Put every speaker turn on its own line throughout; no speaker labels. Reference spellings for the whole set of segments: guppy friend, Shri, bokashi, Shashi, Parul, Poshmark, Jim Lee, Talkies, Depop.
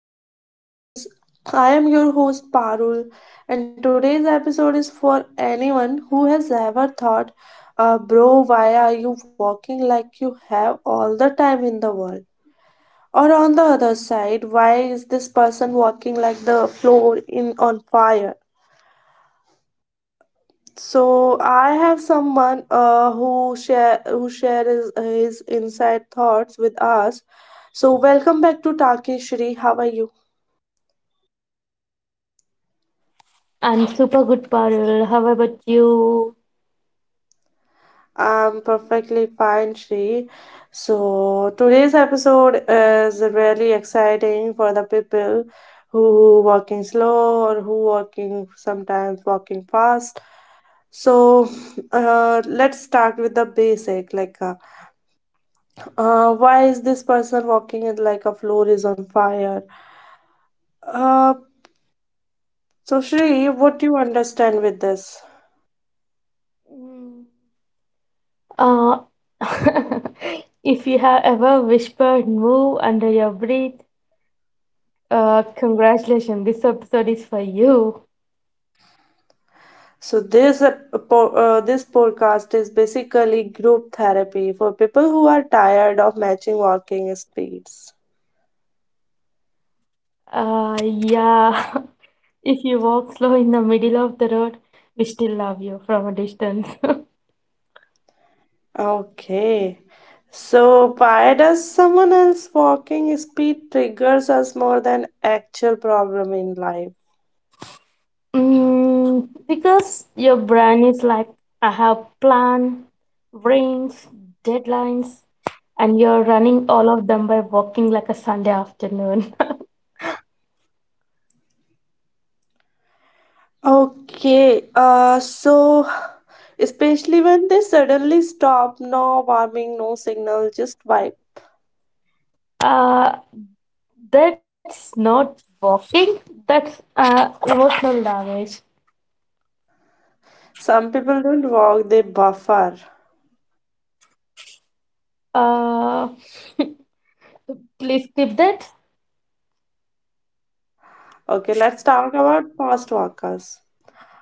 welcome back to Talkies. I am your host Parul, and today's episode is for anyone who has ever thought, bro, why are you walking like you have all the time in the world? Or on the other side, why is this person walking like the floor in on fire? So I have someone who share his inside thoughts with us. So welcome back to Talkies, Shri. How are you?
I'm super good, Parul. How about you?
I'm perfectly fine, Shri. So, today's episode is really exciting for the people who walking slow or who walking sometimes walking fast. So, let's start with the basic like why is this person walking it like a floor is on fire? Uh, so Shri, what do you understand with this?
Mm, Uh, if you have ever whispered "moo" under your breath, congratulations, this episode is for you.
So this podcast is basically group therapy for people who are tired of matching walking speeds.
Yeah, if you walk slow in the middle of the road, we still love you from a distance.
Okay. So why does someone else walking speed triggers us more than actual problem in life?
Mm, because your brain is like, I have plan, rings, deadlines, and you're running all of them by walking like a Sunday afternoon.
Okay. So especially when they suddenly stop, no warming, no signal, just vibe.
uh, that's not walking. That's emotional damage.
Some people don't walk, they buffer.
Uh, Please keep that.
Okay, let's talk about fast walkers.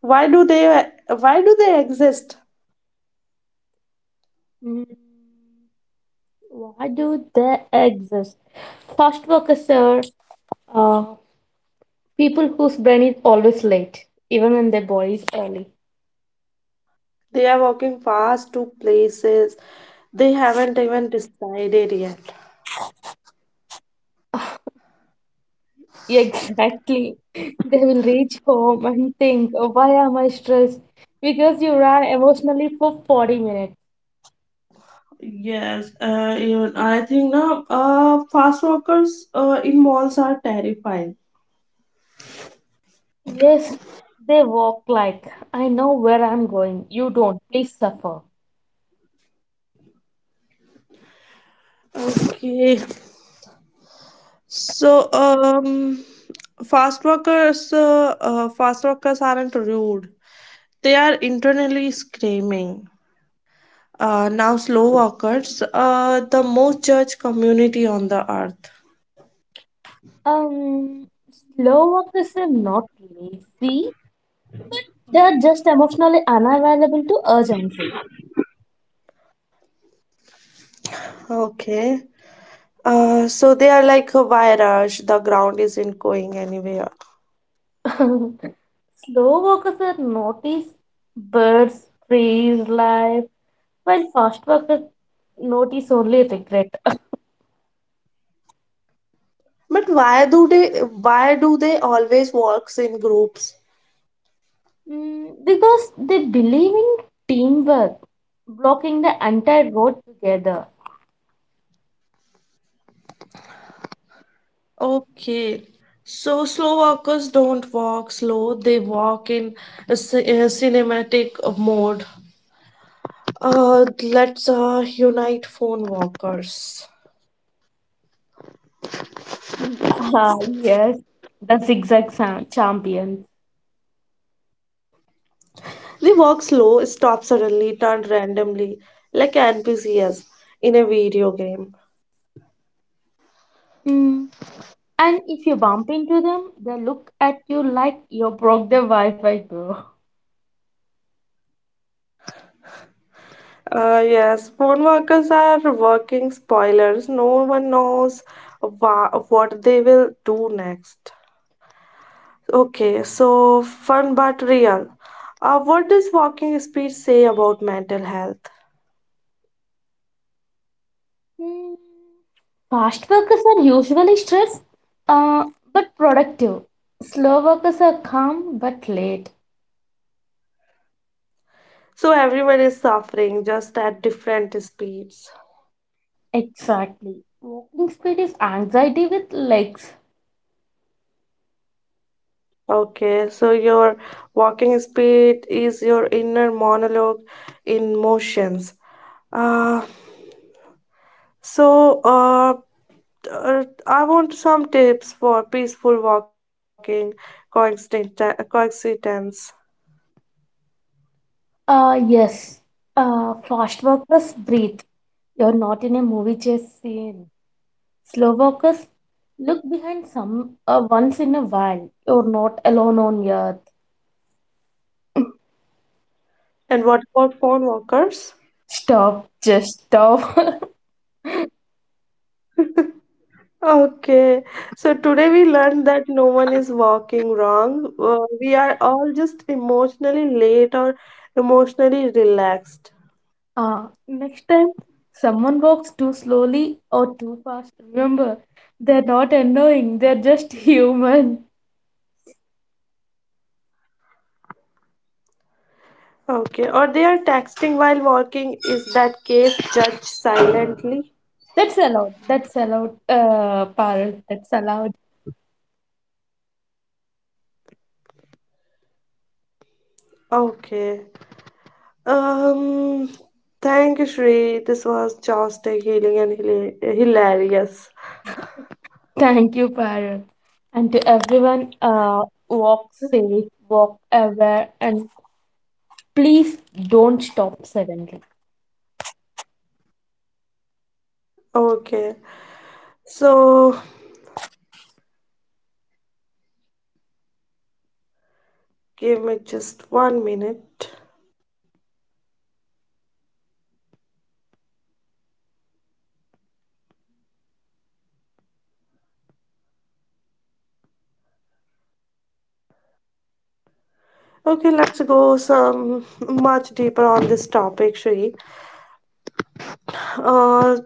why do they why do they exist?
Mm, why do they exist? Fast workers are uh, people whose brain is always late, even when their body is early.
They are walking fast to places they haven't even decided yet.
Yeah, exactly. They will reach home and think, why am I stressed? Because you ran emotionally for 40 minutes.
Yes, even I think now, fast walkers in malls are terrifying.
Yes, they walk like, I know where I'm going. You don't. Please suffer.
Okay, so fast walkers aren't rude, they are internally screaming. Now slow walkers, the most judged community on the earth.
Um, Slow walkers are not lazy. They're just emotionally unavailable to urgency.
Okay. So they are like, why rush? The ground isn't going anywhere.
Slow walkers are notice birds, trees, life, while fast walkers notice only regret.
But why do they always walks in groups?
Mm, because they believe in teamwork, blocking the entire road together.
Okay. So slow walkers don't walk slow, they walk in a cinematic mode. Let's unite phone walkers.
Ah, yes, the zigzag champions.
They walk slow, stop suddenly, turn randomly, like NPCs in a video game.
Mm. And if you bump into them, they look at you like you broke the Wi-Fi, bro.
Yes, phone workers are working spoilers. No one knows what they will do next. Okay, so fun but real. What does walking speed say about mental health?
Mm. Fast workers are usually stressed, uh, but productive. Slow workers are calm but late.
So everyone is suffering just at different speeds.
Exactly. Walking speed is anxiety with legs.
Okay, so your walking speed is your inner monologue in motions. Uh, so uh, I want some tips for peaceful walking coexistence.
Yes. Fast walkers breathe. You're not in a movie chase scene. Slow walkers look behind some once in a while. You're not alone on earth.
And what about phone walkers?
Stop. Just stop.
Okay, so today we learned that no one is walking wrong. We are all just emotionally late or emotionally relaxed.
Next time someone walks too slowly or too fast, remember they're not annoying. They're just human.
Okay, or they are texting while walking. Is that case judged silently?
That's allowed. That's allowed. Parul. That's allowed.
Okay. Um, Thank you, Shri. This was just a healing and hilarious.
Thank you, Parul. And to everyone, walk safe, walk aware, and please don't stop suddenly.
Okay, so give me just one minute. Okay, let's go some much deeper on this topic, Shri. Uh,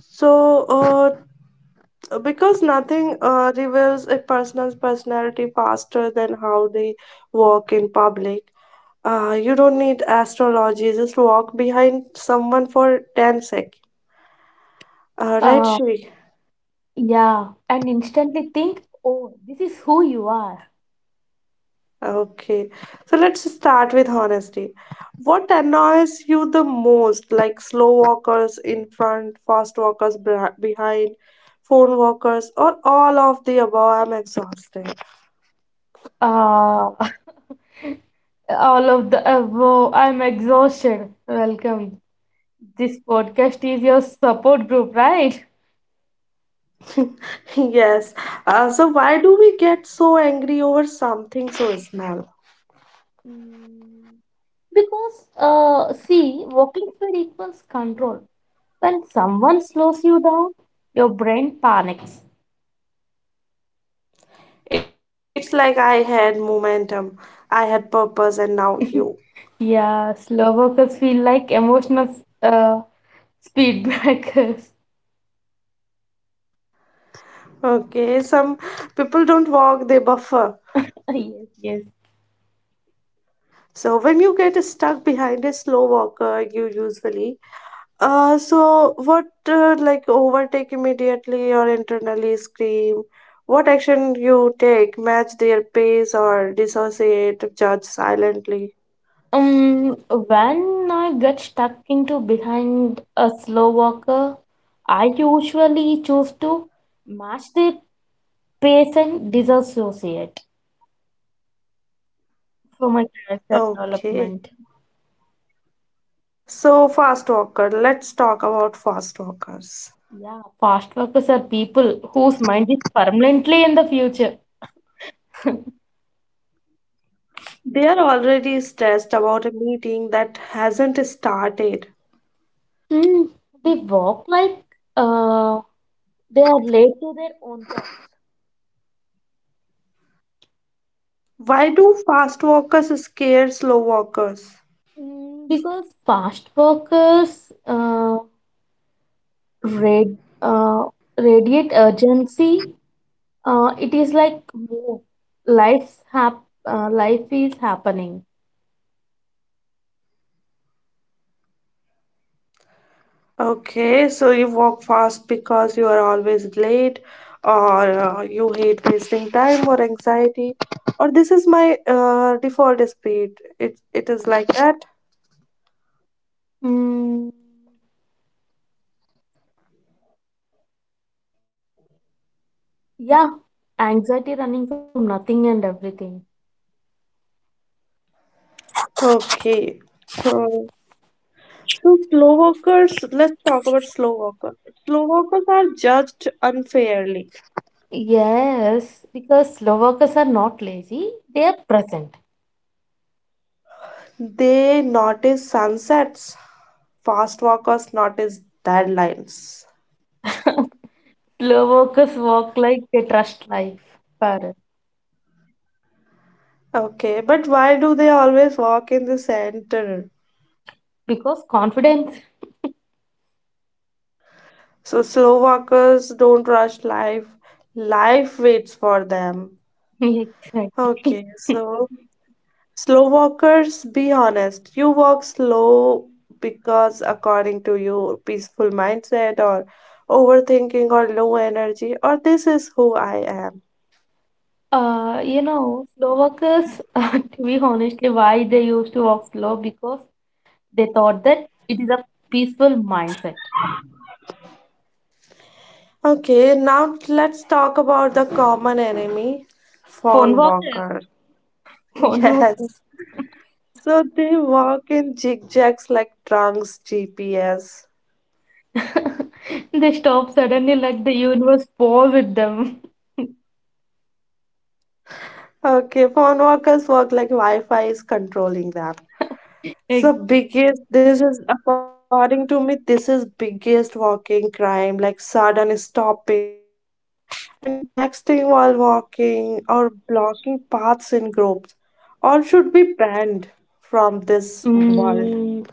because nothing reveals a person's personality faster than how they walk in public. You don't need astrology, just walk behind someone for 10 seconds. All right,
Uh,
Shri.
yeah, and instantly think, oh, this is who you are.
Okay. So let's start with honesty. What annoys you the most? Like slow walkers in front, fast walkers behind, phone walkers, or all of the above? I'm exhausted.
Uh, all of the above, I'm exhausted. Welcome. This podcast is your support group, right?
Yes. So why do we get so angry over something so small?
Mm, because, see, walking speed equals control. When someone slows you down, your brain panics.
It's like I had momentum, I had purpose, and now you.
Yeah, slow walkers feel like emotional uh, speed breakers.
Okay. Some people don't walk, they buffer.
Yes, yes.
So when you get stuck behind a slow walker, you usually so what like overtake immediately or internally scream. What action you take? Match their pace or dissociate, judge silently.
When I get stuck into behind a slow walker, I usually choose to match their pace and disassociate for my character
Okay.
development.
So fast walker. Let's talk about fast walkers.
Yeah, fast walkers are people whose mind is permanently in the future.
They are already stressed about a meeting that hasn't started.
Hmm, they walk like uh, they are late to their own thoughts.
Why do fast walkers scare slow walkers?
Mm, because fast workers rad, uh, radiate urgency. It is like move. Life is happening.
Okay, so you walk fast because you are always late, or you hate wasting time or anxiety, or this is my default speed. It is like that.
Mm, yeah, anxiety running from nothing and everything.
Okay. Uh, so slow walkers, let's talk about slow walkers. Slow walkers are judged unfairly.
Yes, because slow workers are not lazy, they are present.
They notice sunsets. Fast walkers notice deadlines.
Slow workers walk like they trust life, Parul.
Okay, but why do they always walk in the center?
Because confidence.
So slow walkers don't rush life. Life waits for them.
Exactly.
Okay, so slow walkers, be honest. You walk slow because, according to you, peaceful mindset or overthinking or low energy, or this is who I am.
You know, slow walkers, to be honestly, why they used to walk slow because they thought that it is a peaceful mindset.
Okay, now let's talk about the common enemy,
Phone
fawn
walkers,
walker.
phone walkers,
Yes. So they walk in zigzags like drunks GPS.
they stop suddenly like the universe paused them.
Okay, phone workers work like Wi-Fi is controlling them.
Exactly.
So biggest, this is according to me, this is biggest walking crime, like sudden stopping and texting while walking or blocking paths in groups. All should be banned from this world.
Mm,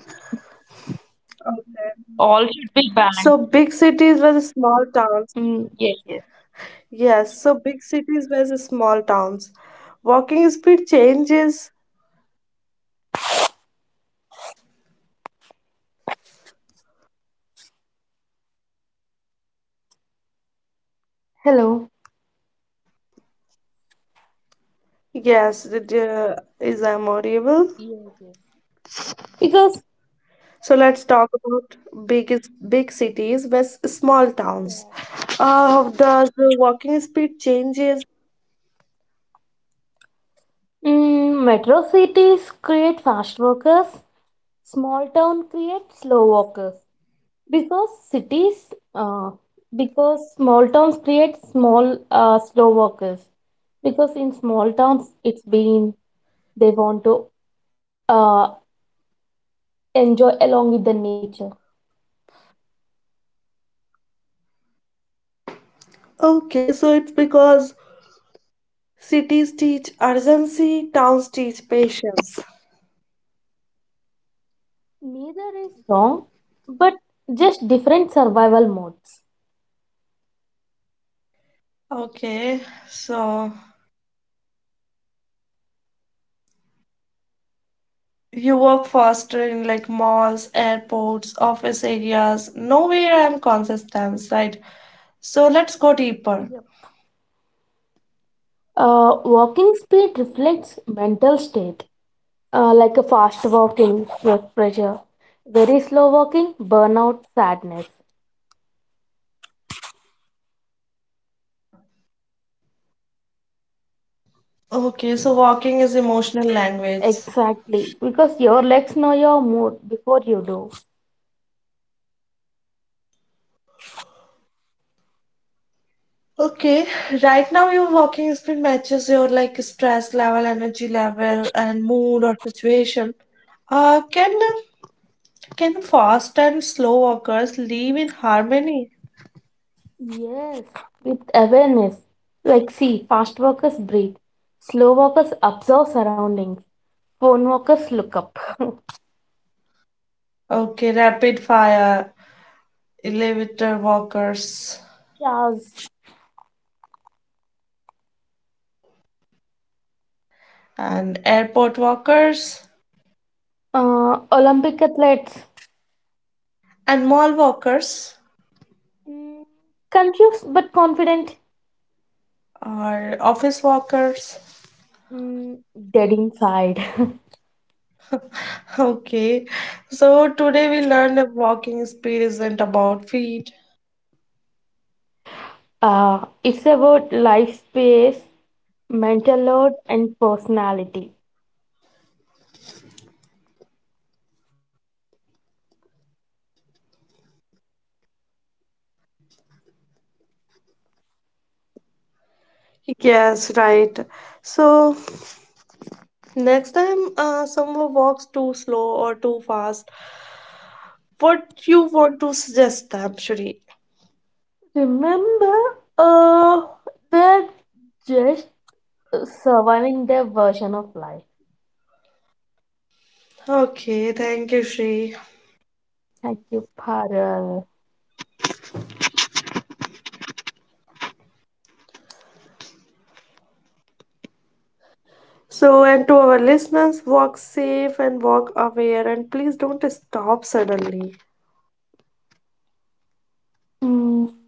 Okay.
all should be banned.
So big cities versus small towns.
Mm, yes, yes.
Yes, so big cities versus small towns. Walking speed changes.
Hello.
Yes, it is memorable.
Yes, yes. Because
So let's talk about big cities versus small towns.
yeah.
Does the walking speed changes?
Mm, metro cities create fast walkers, small town create slow walkers. because cities uh, because small towns create small slow walkers because in small towns it's been they want to uh, enjoy along with the nature.
Okay, so it's because cities teach urgency, towns teach patience.
Neither is wrong, but just different survival modes.
Okay, so you work faster in like malls, airports, office areas. Nowhere I'm consistent, right? So let's go deeper.
Yep. Walking speed reflects mental state, like a fast walking stress pressure, very slow walking burnout sadness.
Okay, so walking is emotional language.
Exactly, because your legs know your mood before you do.
Okay, right now your walking speed matches your like stress level, energy level, and mood or situation. Uh, can can fast and slow walkers live in harmony?
Yes, with awareness. Like, see, fast walkers breathe, slow walkers observe surroundings, phone walkers look up.
Okay, rapid fire, elevator walkers,
Yes.
and airport walkers,
Olympic athletes,
and mall walkers,
mm, confused but confident,
or office walkers.
mm, dead inside.
Okay, so today we learned that walking speed isn't about feet.
It's about life space, mental load, and personality.
Yes, right. So next time someone walks too slow or too fast, what you want to suggest them, Shri?
Remember, that. Just surviving their version of life.
Okay, thank you, Shri.
Thank you, Parul.
So, and to our listeners, walk safe and walk aware, and please don't stop suddenly.
Mm.